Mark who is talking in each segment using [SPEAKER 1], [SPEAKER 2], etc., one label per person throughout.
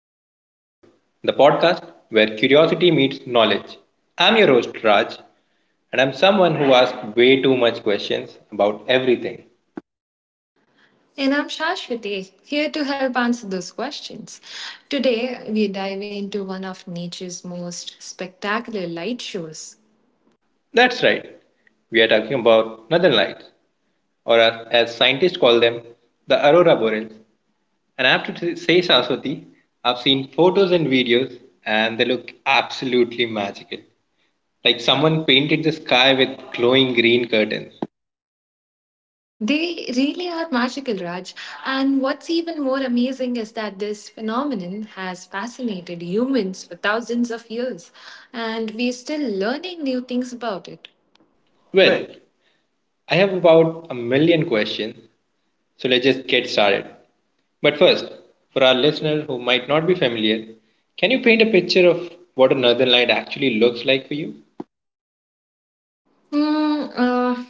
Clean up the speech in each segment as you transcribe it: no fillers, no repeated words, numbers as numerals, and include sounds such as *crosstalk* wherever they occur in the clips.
[SPEAKER 1] to the Wonder Files, the podcast where curiosity meets knowledge. I'm your host, Raj, and I'm someone who asks way too much questions about everything.
[SPEAKER 2] And I'm Shashwati, here to help answer those questions. Today, we're diving into one of nature's most spectacular light shows.
[SPEAKER 1] That's right, we are talking about northern lights, or as scientists call them, the aurora borealis. And I have to say, Saraswati, I've seen photos and videos, and they look absolutely magical. Like someone painted the sky with glowing green curtains.
[SPEAKER 2] They really are magical, Raj. And what's even more amazing is that this phenomenon has fascinated humans for thousands of years, and we're still learning new things about it. Well,
[SPEAKER 1] Well, I have about a million questions, so let's just get started. But first, for our listeners who might not be familiar, can you paint a picture of what a northern light actually looks like for you?
[SPEAKER 2] Mm, uh,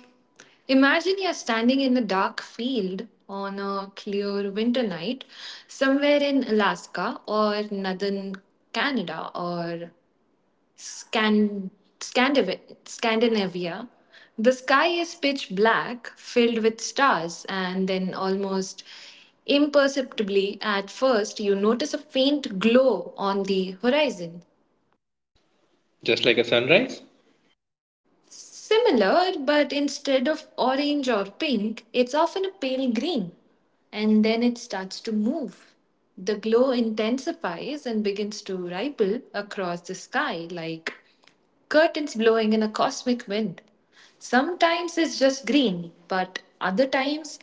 [SPEAKER 2] imagine you're standing in a dark field on a clear winter night somewhere in Alaska or northern Canada or Scan- Scandinavia. The sky is pitch black, filled with stars, and then almost imperceptibly at first you notice a faint glow on the horizon.
[SPEAKER 1] Just like a sunrise?
[SPEAKER 2] Similar, but instead of orange or pink, it's often a pale green. And then it starts to move. The glow intensifies and begins to ripple across the sky like curtains blowing in a cosmic wind. Sometimes it's just green, but other times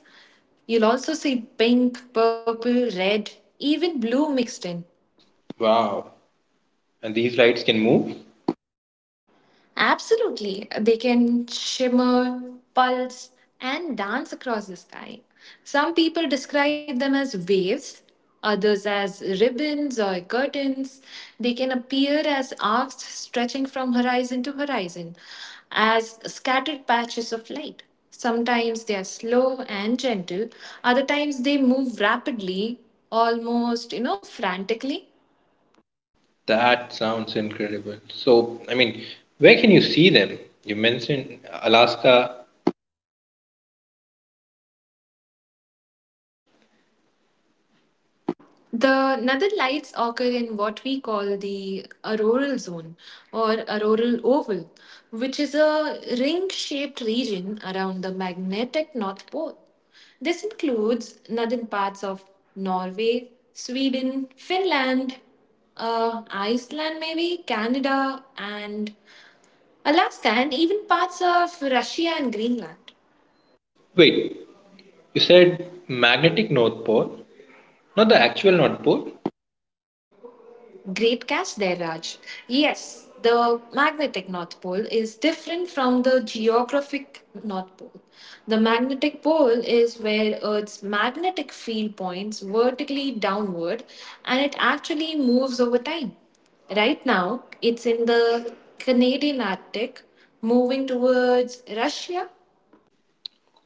[SPEAKER 2] you'll also see pink, purple, red, even blue mixed in.
[SPEAKER 1] Wow, and these lights can move?
[SPEAKER 2] Absolutely. They can shimmer, pulse, and dance across the sky. Some people describe them as waves, others as ribbons or curtains. They can appear as arcs stretching from horizon to horizon, as scattered patches of light. Sometimes they are slow and gentle, other times they move rapidly, almost, frantically.
[SPEAKER 1] That sounds incredible. So, where can you see them? You mentioned Alaska.
[SPEAKER 2] The northern lights occur in what we call the auroral zone or auroral oval, which is a ring shaped region around the magnetic North Pole. This includes northern parts of Norway, Sweden, Finland, Iceland, maybe, Canada, and Alaska, and even parts of Russia and Greenland.
[SPEAKER 1] Wait, you said magnetic North Pole, not the actual North Pole?
[SPEAKER 2] Great catch there, Raj. Yes, the magnetic North Pole is different from the geographic North Pole. The magnetic pole is where Earth's magnetic field points vertically downward and it actually moves over time. Right now, it's in the Canadian Arctic, moving towards Russia.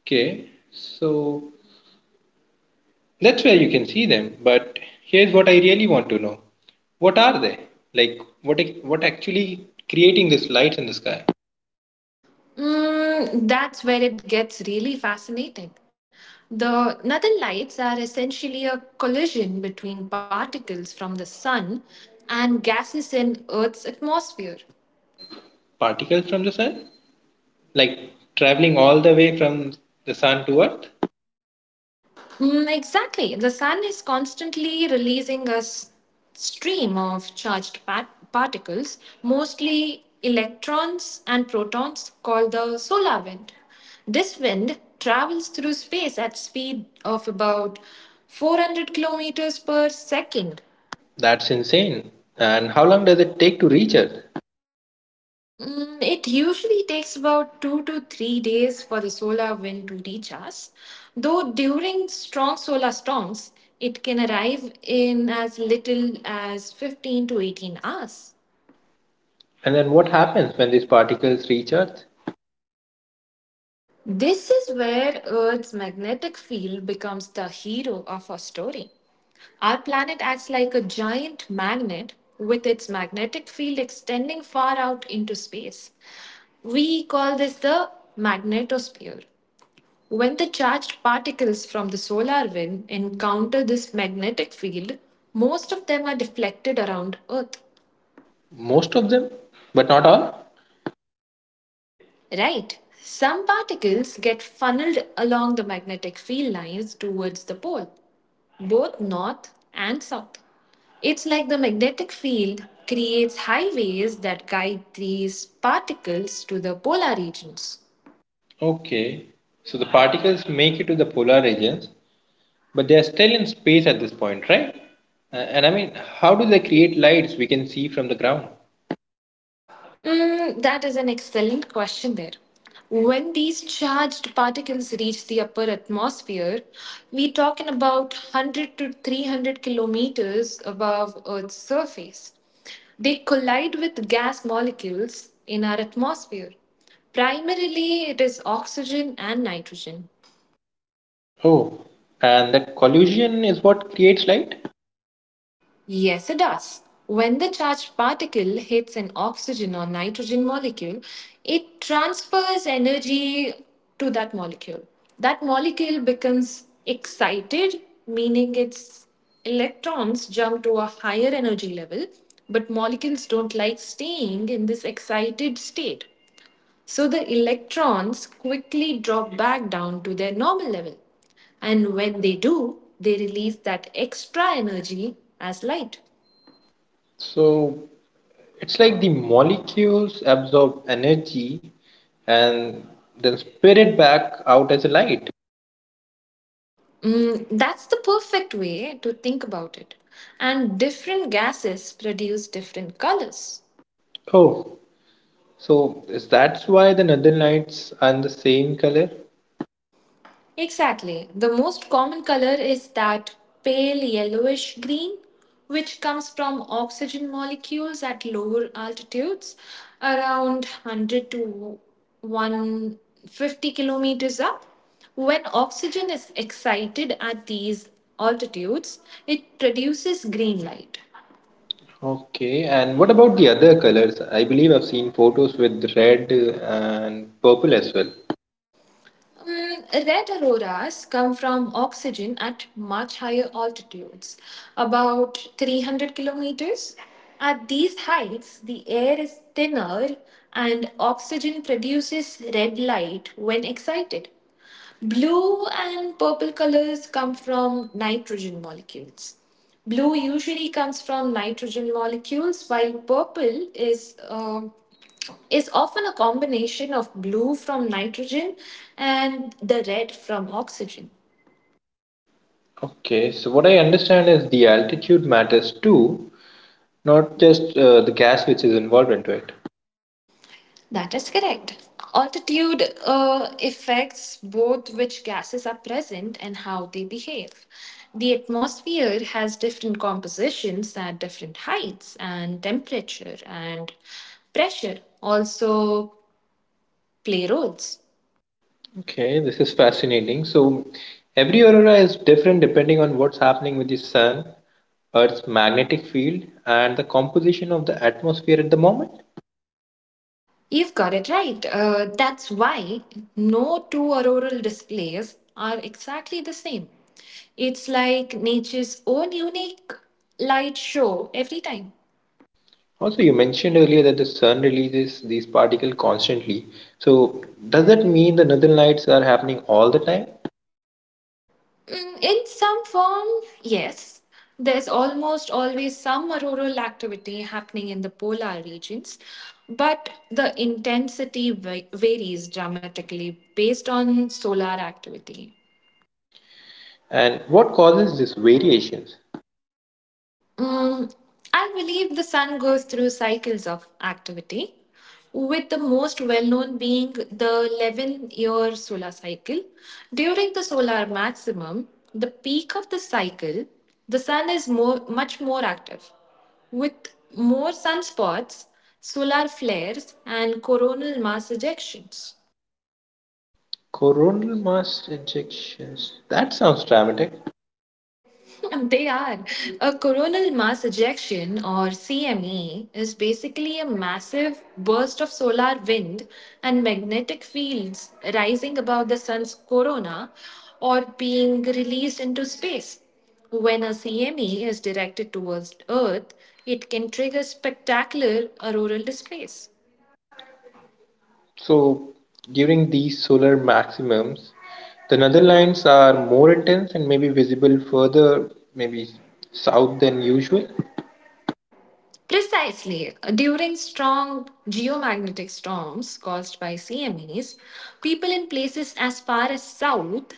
[SPEAKER 1] Okay, so that's where you can see them. But here's what I really want to know. What are they? Like what actually creating this light in the sky?
[SPEAKER 2] That's where it gets really fascinating. The northern lights are essentially a collision between particles from the sun and gases in Earth's atmosphere.
[SPEAKER 1] Particles from the sun? Like traveling all the way from the sun to earth?
[SPEAKER 2] Exactly. The sun is constantly releasing a stream of charged particles, mostly electrons and protons, called the solar wind. This wind travels through space at speed of about 400 kilometers per second.
[SPEAKER 1] That's insane. And how long does it take to reach earth?
[SPEAKER 2] It usually takes about 2 to 3 days for the solar wind to reach us, though during strong solar storms, it can arrive in as little as 15 to 18 hours.
[SPEAKER 1] And then what happens when these particles reach earth?
[SPEAKER 2] This is where Earth's magnetic field becomes the hero of our story. Our planet acts like a giant magnet with its magnetic field extending far out into space. We call this the magnetosphere. When the charged particles from the solar wind encounter this magnetic field, most of them are deflected around Earth.
[SPEAKER 1] Most of them, but not all.
[SPEAKER 2] Right. Some particles get funneled along the magnetic field lines towards the pole, both north and south. It's like the magnetic field creates highways that guide these particles to the polar regions.
[SPEAKER 1] Okay. So the particles make it to the polar regions, but they're still in space at this point, right? And how do they create lights we can see from the ground?
[SPEAKER 2] That is an excellent question there. When these charged particles reach the upper atmosphere, we're talking about 100 to 300 kilometers above Earth's surface. They collide with gas molecules in our atmosphere. Primarily, it is oxygen and nitrogen.
[SPEAKER 1] Oh, and that collision is what creates light?
[SPEAKER 2] Yes, it does. When the charged particle hits an oxygen or nitrogen molecule, it transfers energy to that molecule. That molecule becomes excited, meaning its electrons jump to a higher energy level, but molecules don't like staying in this excited state. So the electrons quickly drop back down to their normal level. And when they do, they release that extra energy as light.
[SPEAKER 1] So it's like the molecules absorb energy and then spit it back out as a light.
[SPEAKER 2] That's the perfect way to think about it. And different gases produce different colors.
[SPEAKER 1] Oh, so is that's why the northern lights are in the same color?
[SPEAKER 2] Exactly. The most common color is that pale yellowish green, which comes from oxygen molecules at lower altitudes, around 100 to 150 kilometers up. When oxygen is excited at these altitudes, it produces green light.
[SPEAKER 1] Okay, and what about the other colors? I believe I've seen photos with red and purple as well.
[SPEAKER 2] Red auroras come from oxygen at much higher altitudes, about 300 kilometers. At these heights, the air is thinner and oxygen produces red light when excited. Blue and purple colors come from nitrogen molecules. Blue usually comes from nitrogen molecules, while purple is often a combination of blue from nitrogen and the red from oxygen.
[SPEAKER 1] Okay, so what I understand is the altitude matters too, not just the gas which is involved into it.
[SPEAKER 2] That is correct. Altitude affects both which gases are present and how they behave. The atmosphere has different compositions at different heights, and temperature and pressure also play roles.
[SPEAKER 1] Okay, this is fascinating. So every aurora is different depending on what's happening with the sun, Earth's magnetic field, and the composition of the atmosphere at the moment.
[SPEAKER 2] You've got it right. That's why no two auroral displays are exactly the same. It's like nature's own unique light show every time.
[SPEAKER 1] Also, you mentioned earlier that the sun releases these particles constantly. So does that mean the northern lights are happening all the time?
[SPEAKER 2] In some form, yes, there's almost always some auroral activity happening in the polar regions, but the intensity varies dramatically based on solar activity.
[SPEAKER 1] And what causes these variations?
[SPEAKER 2] Mm, I believe the sun goes through cycles of activity, with the most well known being the 11-year solar cycle. During the solar maximum, the peak of the cycle, the sun is much more active, with more sunspots, solar flares, and coronal mass ejections.
[SPEAKER 1] Coronal mass ejections. That sounds dramatic.
[SPEAKER 2] *laughs* They are. A coronal mass ejection, or CME, is basically a massive burst of solar wind and magnetic fields rising above the sun's corona or being released into space. When a CME is directed towards Earth, it can trigger spectacular auroral displays.
[SPEAKER 1] So, during these solar maximums, the northern lines are more intense and maybe visible further, maybe south than usual.
[SPEAKER 2] Precisely. During strong geomagnetic storms caused by CMEs, people in places as far as south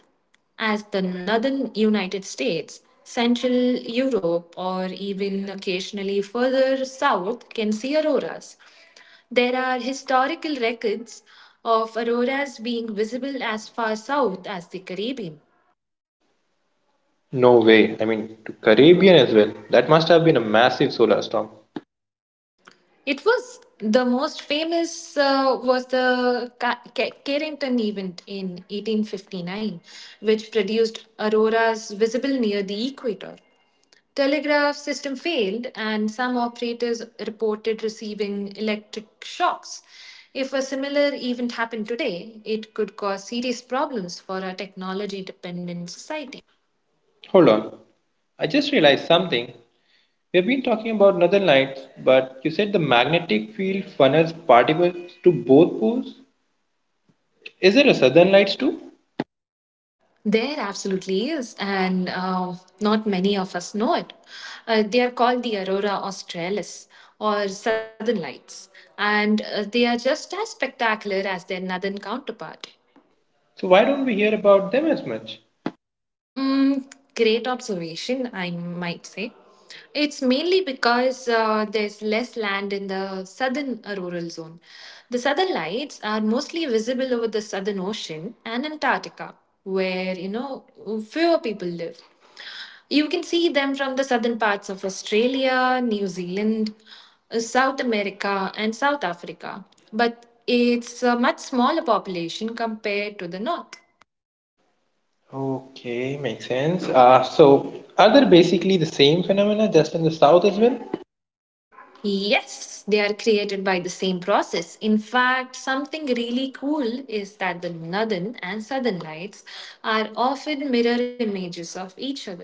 [SPEAKER 2] as the northern United States, Central Europe, or even occasionally further south can see auroras. There are historical records of auroras being visible as far south as the Caribbean.
[SPEAKER 1] No way. I mean, to Caribbean as well. That must have been a massive solar storm.
[SPEAKER 2] It was the most famous, was the Carrington event in 1859, which produced auroras visible near the equator. Telegraph system failed, and some operators reported receiving electric shocks. If a similar event happened today, it could cause serious problems for our technology dependent society.
[SPEAKER 1] Hold on. I just realized something. We have been talking about northern lights, but you said the magnetic field funnels particles to both poles. Is there a southern lights too?
[SPEAKER 2] There absolutely is, and not many of us know it. They are called the Aurora Australis or Southern Lights, and they are just as spectacular as their northern counterpart.
[SPEAKER 1] So why don't we hear about them as much?
[SPEAKER 2] Mm, Great observation, I might say. It's mainly because there's less land in the southern rural zone. The southern lights are mostly visible over the southern ocean and Antarctica, where, fewer people live. You can see them from the southern parts of Australia, New Zealand, South America, and South Africa. But it's a much smaller population compared to the north.
[SPEAKER 1] Okay, makes sense. So, are they basically the same phenomena just in the south as well?
[SPEAKER 2] Yes, they are created by the same process. In fact, something really cool is that the northern and southern lights are often mirror images of each other.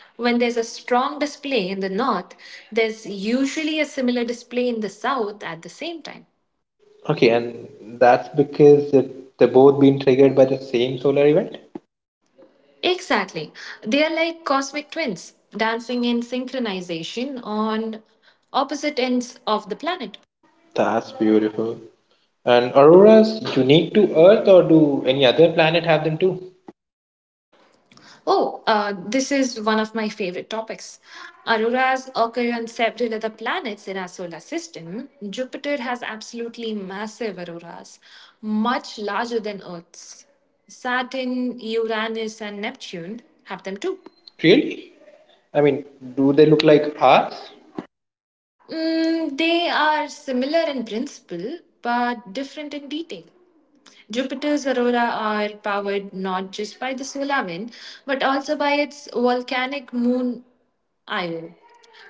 [SPEAKER 2] When there's a strong display in the north, there's usually a similar display in the south at the same time.
[SPEAKER 1] Okay, and that's because they're both being triggered by the same solar event?
[SPEAKER 2] Exactly. They are like cosmic twins, dancing in synchronization on opposite ends of the planet.
[SPEAKER 1] That's beautiful. And auroras unique to Earth or do any other planet have them too?
[SPEAKER 2] Oh, this is one of my favorite topics. Auroras occur on several other planets in our solar system. Jupiter has absolutely massive auroras, much larger than Earth's. Saturn, Uranus, and Neptune have them too.
[SPEAKER 1] Really? I mean, do they look like ours?
[SPEAKER 2] They are similar in principle, but different in detail. Jupiter's aurora are powered not just by the solar wind, but also by its volcanic moon Io,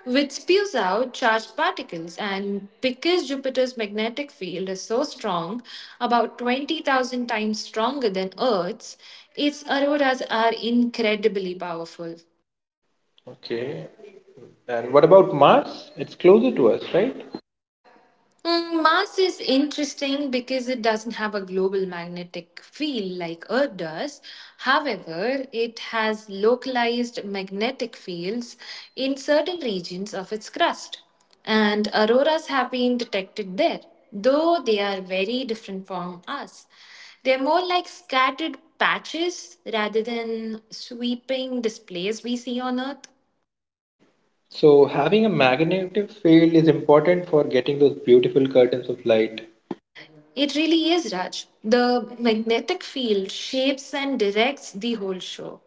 [SPEAKER 2] which spews out charged particles. And because Jupiter's magnetic field is so strong, about 20,000 times stronger than Earth's, its auroras are incredibly powerful.
[SPEAKER 1] Okay. And what about Mars? It's closer to us, right?
[SPEAKER 2] Mars is interesting because it doesn't have a global magnetic field like Earth does. However, it has localized magnetic fields in certain regions of its crust, and auroras have been detected there, though they are very different from us. They're more like scattered patches rather than sweeping displays we see on Earth.
[SPEAKER 1] So having a magnetic field is important for getting those beautiful curtains of light.
[SPEAKER 2] It really is, Raj. The magnetic field shapes and directs the whole show.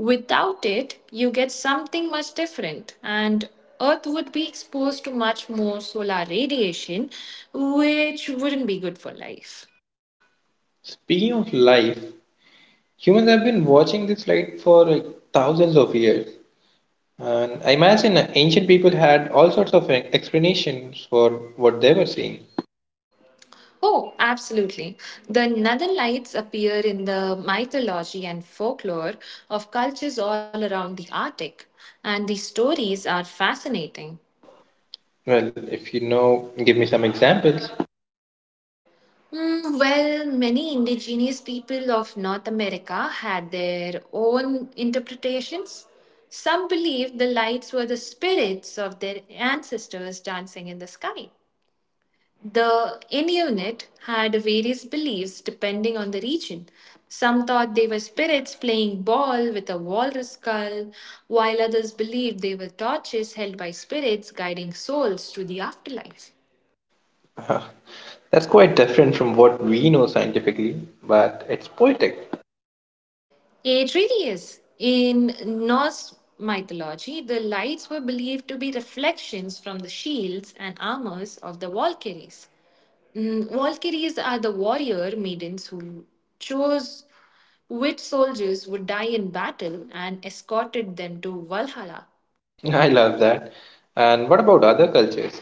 [SPEAKER 2] Without it, you get something much different, and Earth would be exposed to much more solar radiation, which wouldn't be good for life.
[SPEAKER 1] Speaking of life, humans have been watching this light for like thousands of years. And I imagine ancient people had all sorts of explanations for what they were seeing.
[SPEAKER 2] Oh, absolutely. The northern lights appear in the mythology and folklore of cultures all around the Arctic, and the stories are fascinating.
[SPEAKER 1] Well, if you know, give me some examples. *laughs*
[SPEAKER 2] Well, many indigenous people of North America had their own interpretations. Some believed the lights were the spirits of their ancestors dancing in the sky. The Inuit had various beliefs depending on the region. Some thought they were spirits playing ball with a walrus skull, while others believed they were torches held by spirits guiding souls to the afterlife.
[SPEAKER 1] Uh, that's quite different from what we know scientifically, but it's poetic.
[SPEAKER 2] It really is. In Norse mythology, the lights were believed to be reflections from the shields and armors of the Valkyries. Valkyries are the warrior maidens who chose which soldiers would die in battle and escorted them to Valhalla.
[SPEAKER 1] *laughs* I love that. And what about other cultures?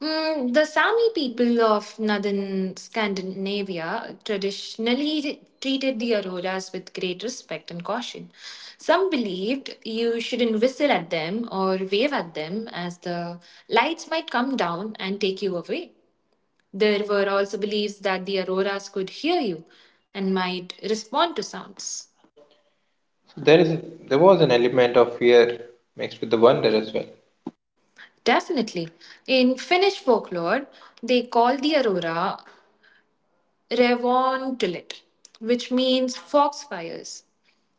[SPEAKER 2] The Sami people of northern Scandinavia traditionally treated the auroras with great respect and caution. Some believed you shouldn't whistle at them or wave at them, as the lights might come down and take you away. There were also beliefs that the auroras could hear you and might respond to sounds.
[SPEAKER 1] So there was an element of fear mixed with the wonder as well.
[SPEAKER 2] Definitely. In Finnish folklore, they call the aurora Revontulet, which means foxfires.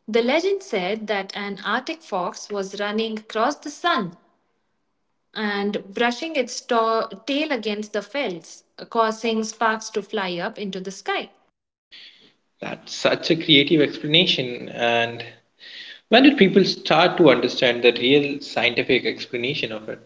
[SPEAKER 2] The legend said that an Arctic fox was running across the sun and brushing its tail against the fells, causing sparks to fly up into the sky.
[SPEAKER 1] That's such a creative explanation, and when did people start to understand the real scientific explanation of it?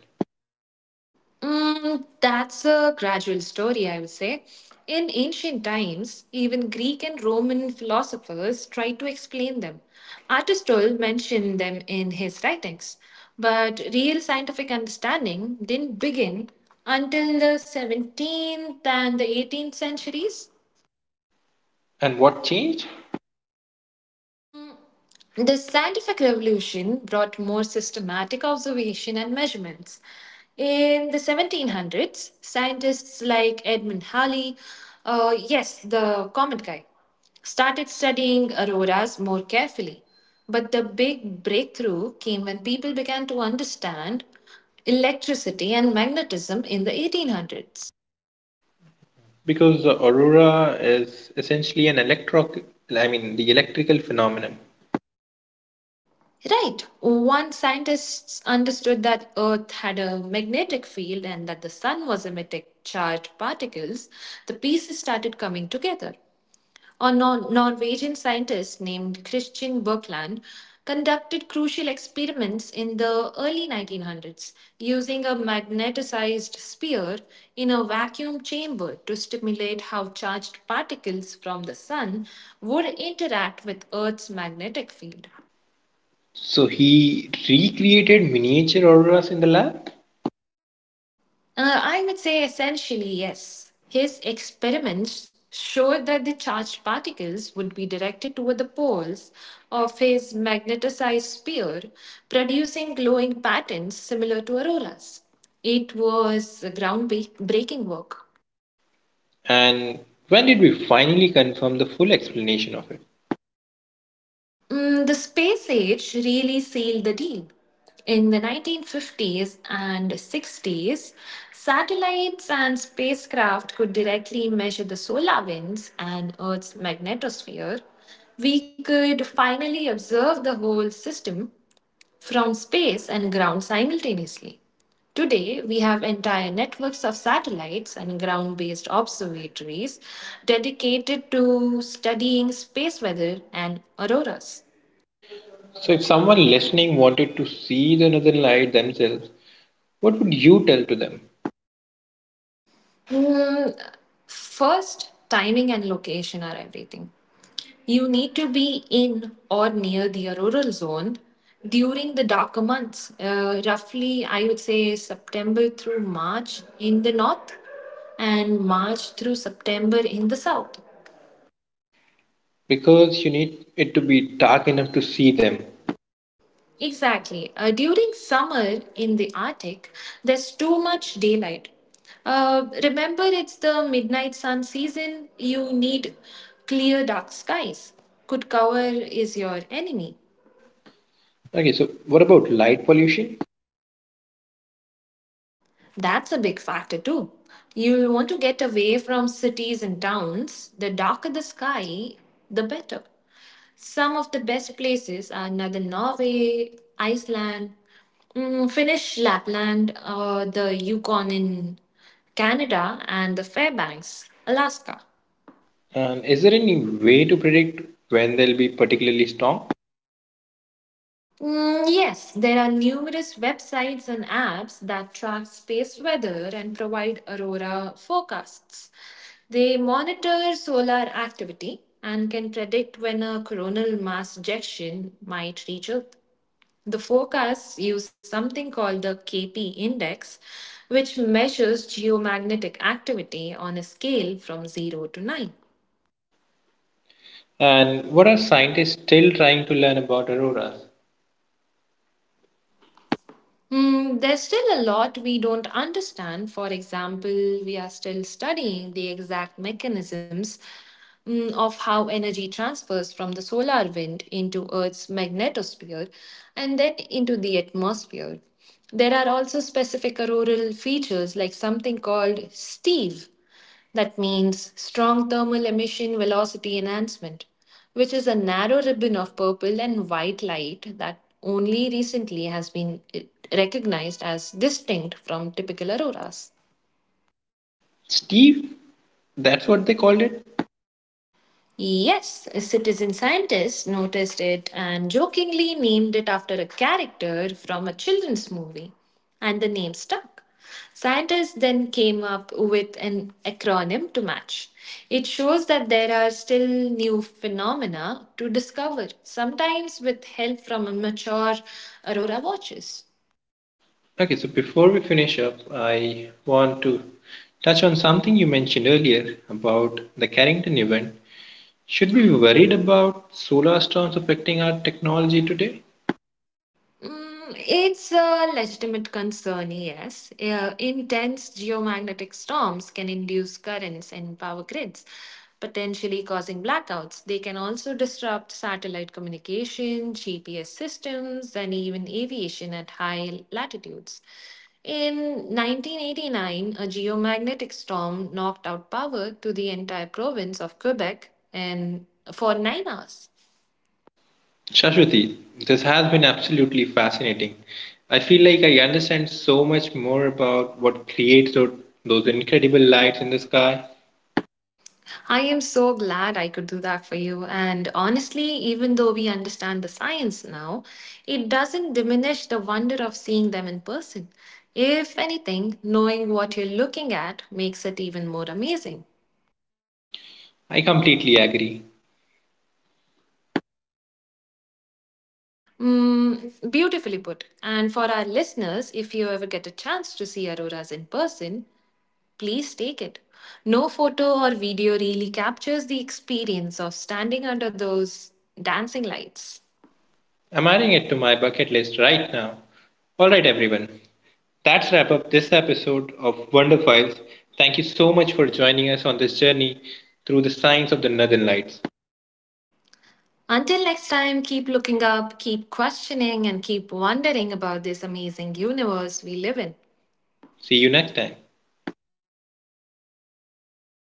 [SPEAKER 2] That's a gradual story, I would say. In ancient times, even Greek and Roman philosophers tried to explain them. Aristotle mentioned them in his writings, but real scientific understanding didn't begin until the 17th and the 18th centuries.
[SPEAKER 1] And what changed?
[SPEAKER 2] The scientific revolution brought more systematic observation and measurements. In the 1700s, scientists like Edmund Halley, yes, the comet guy, started studying auroras more carefully. But the big breakthrough came when people began to understand electricity and magnetism in the 1800s.
[SPEAKER 1] Because the aurora is essentially an electro I mean the electrical phenomenon.
[SPEAKER 2] Right. One scientist understood that Earth had a magnetic field and that the sun was emitting charged particles. The pieces started coming together. A Norwegian scientist named Christian Birkeland conducted crucial experiments in the early 1900s using a magnetized sphere in a vacuum chamber to stimulate how charged particles from the sun would interact with Earth's magnetic field.
[SPEAKER 1] So he recreated miniature auroras in the lab,
[SPEAKER 2] I would say essentially yes. His experiments showed that the charged particles would be directed toward the poles of his magnetized sphere, producing glowing patterns similar to auroras. It was groundbreaking work.
[SPEAKER 1] and when did we finally confirm the full explanation of it?
[SPEAKER 2] Mm, the space age really sealed the deal. In the 1950s and 60s, satellites and spacecraft could directly measure the solar winds and Earth's magnetosphere. We could finally observe the whole system from space and ground simultaneously. Today, we have entire networks of satellites and ground based observatories dedicated to studying space weather and auroras.
[SPEAKER 1] So if someone listening wanted to see the northern light themselves, what would you tell to them?
[SPEAKER 2] Hmm, first, timing and location are everything. You need to be in or near the auroral zone during the darker months, roughly, I would say September through March in the north and March through September in the south.
[SPEAKER 1] Because you need it to be dark enough to see them.
[SPEAKER 2] Exactly. During summer in the Arctic, there's too much daylight. Remember, it's the midnight sun season. You need clear, dark skies. Good cover is your enemy.
[SPEAKER 1] Okay, so what about light pollution?
[SPEAKER 2] That's a big factor too. You'll want to get away from cities and towns. The darker the sky, the better. Some of the best places are northern Norway, Iceland, mm, Finnish Lapland, or the Yukon in Canada, and the Fairbanks, Alaska.
[SPEAKER 1] And is there any way to predict when they'll be particularly strong?
[SPEAKER 2] Mm, yes, there are numerous websites and apps that track space weather and provide aurora forecasts. They monitor solar activity and can predict when a coronal mass ejection might reach Earth. The forecasts use something called the KP index, which measures geomagnetic activity on a scale from 0 to 9.
[SPEAKER 1] And what are scientists still trying to learn about auroras?
[SPEAKER 2] Mm, there's still a lot we don't understand. For example, we are still studying the exact mechanisms of how energy transfers from the solar wind into Earth's magnetosphere and then into the atmosphere. There are also specific auroral features like something called Steve, that means strong thermal emission velocity enhancement, which is a narrow ribbon of purple and white light that only recently has been recognized as distinct from typical auroras.
[SPEAKER 1] Steve, that's what they called it?
[SPEAKER 2] Yes, a citizen scientist noticed it and jokingly named it after a character from a children's movie, and the name stuck. Scientists then came up with an acronym to match. It shows that there are still new phenomena to discover, sometimes with help from mature aurora watchers.
[SPEAKER 1] Okay, so before we finish up, I want to touch on something you mentioned earlier about the Carrington event. Should we be worried about solar storms affecting our technology today?
[SPEAKER 2] Mm, it's a legitimate concern, yes. Intense geomagnetic storms can induce currents in power grids, potentially causing blackouts. They can also disrupt satellite communication, GPS systems, and even aviation at high latitudes. In 1989, a geomagnetic storm knocked out power to the entire province of Quebec and for 9 hours.
[SPEAKER 1] Shashwati, this has been absolutely fascinating. I feel like I understand so much more about what creates those incredible lights in the sky.
[SPEAKER 2] I am so glad I could do that for you. And honestly, even though we understand the science now, it doesn't diminish the wonder of seeing them in person. If anything, knowing what you're looking at makes it even more amazing.
[SPEAKER 1] I completely agree.
[SPEAKER 2] Mm, beautifully put. And for our listeners, if you ever get a chance to see auroras in person, please take it. No photo or video really captures the experience of standing under those dancing lights.
[SPEAKER 1] I'm adding it to my bucket list right now. Alright, everyone, that's wrap up this episode of Wonder Files. Thank you so much for joining us on this journey through the science of the Northern Lights.
[SPEAKER 2] Until next time, keep looking up, keep questioning, and keep wondering about this amazing universe we live in.
[SPEAKER 1] See you next time.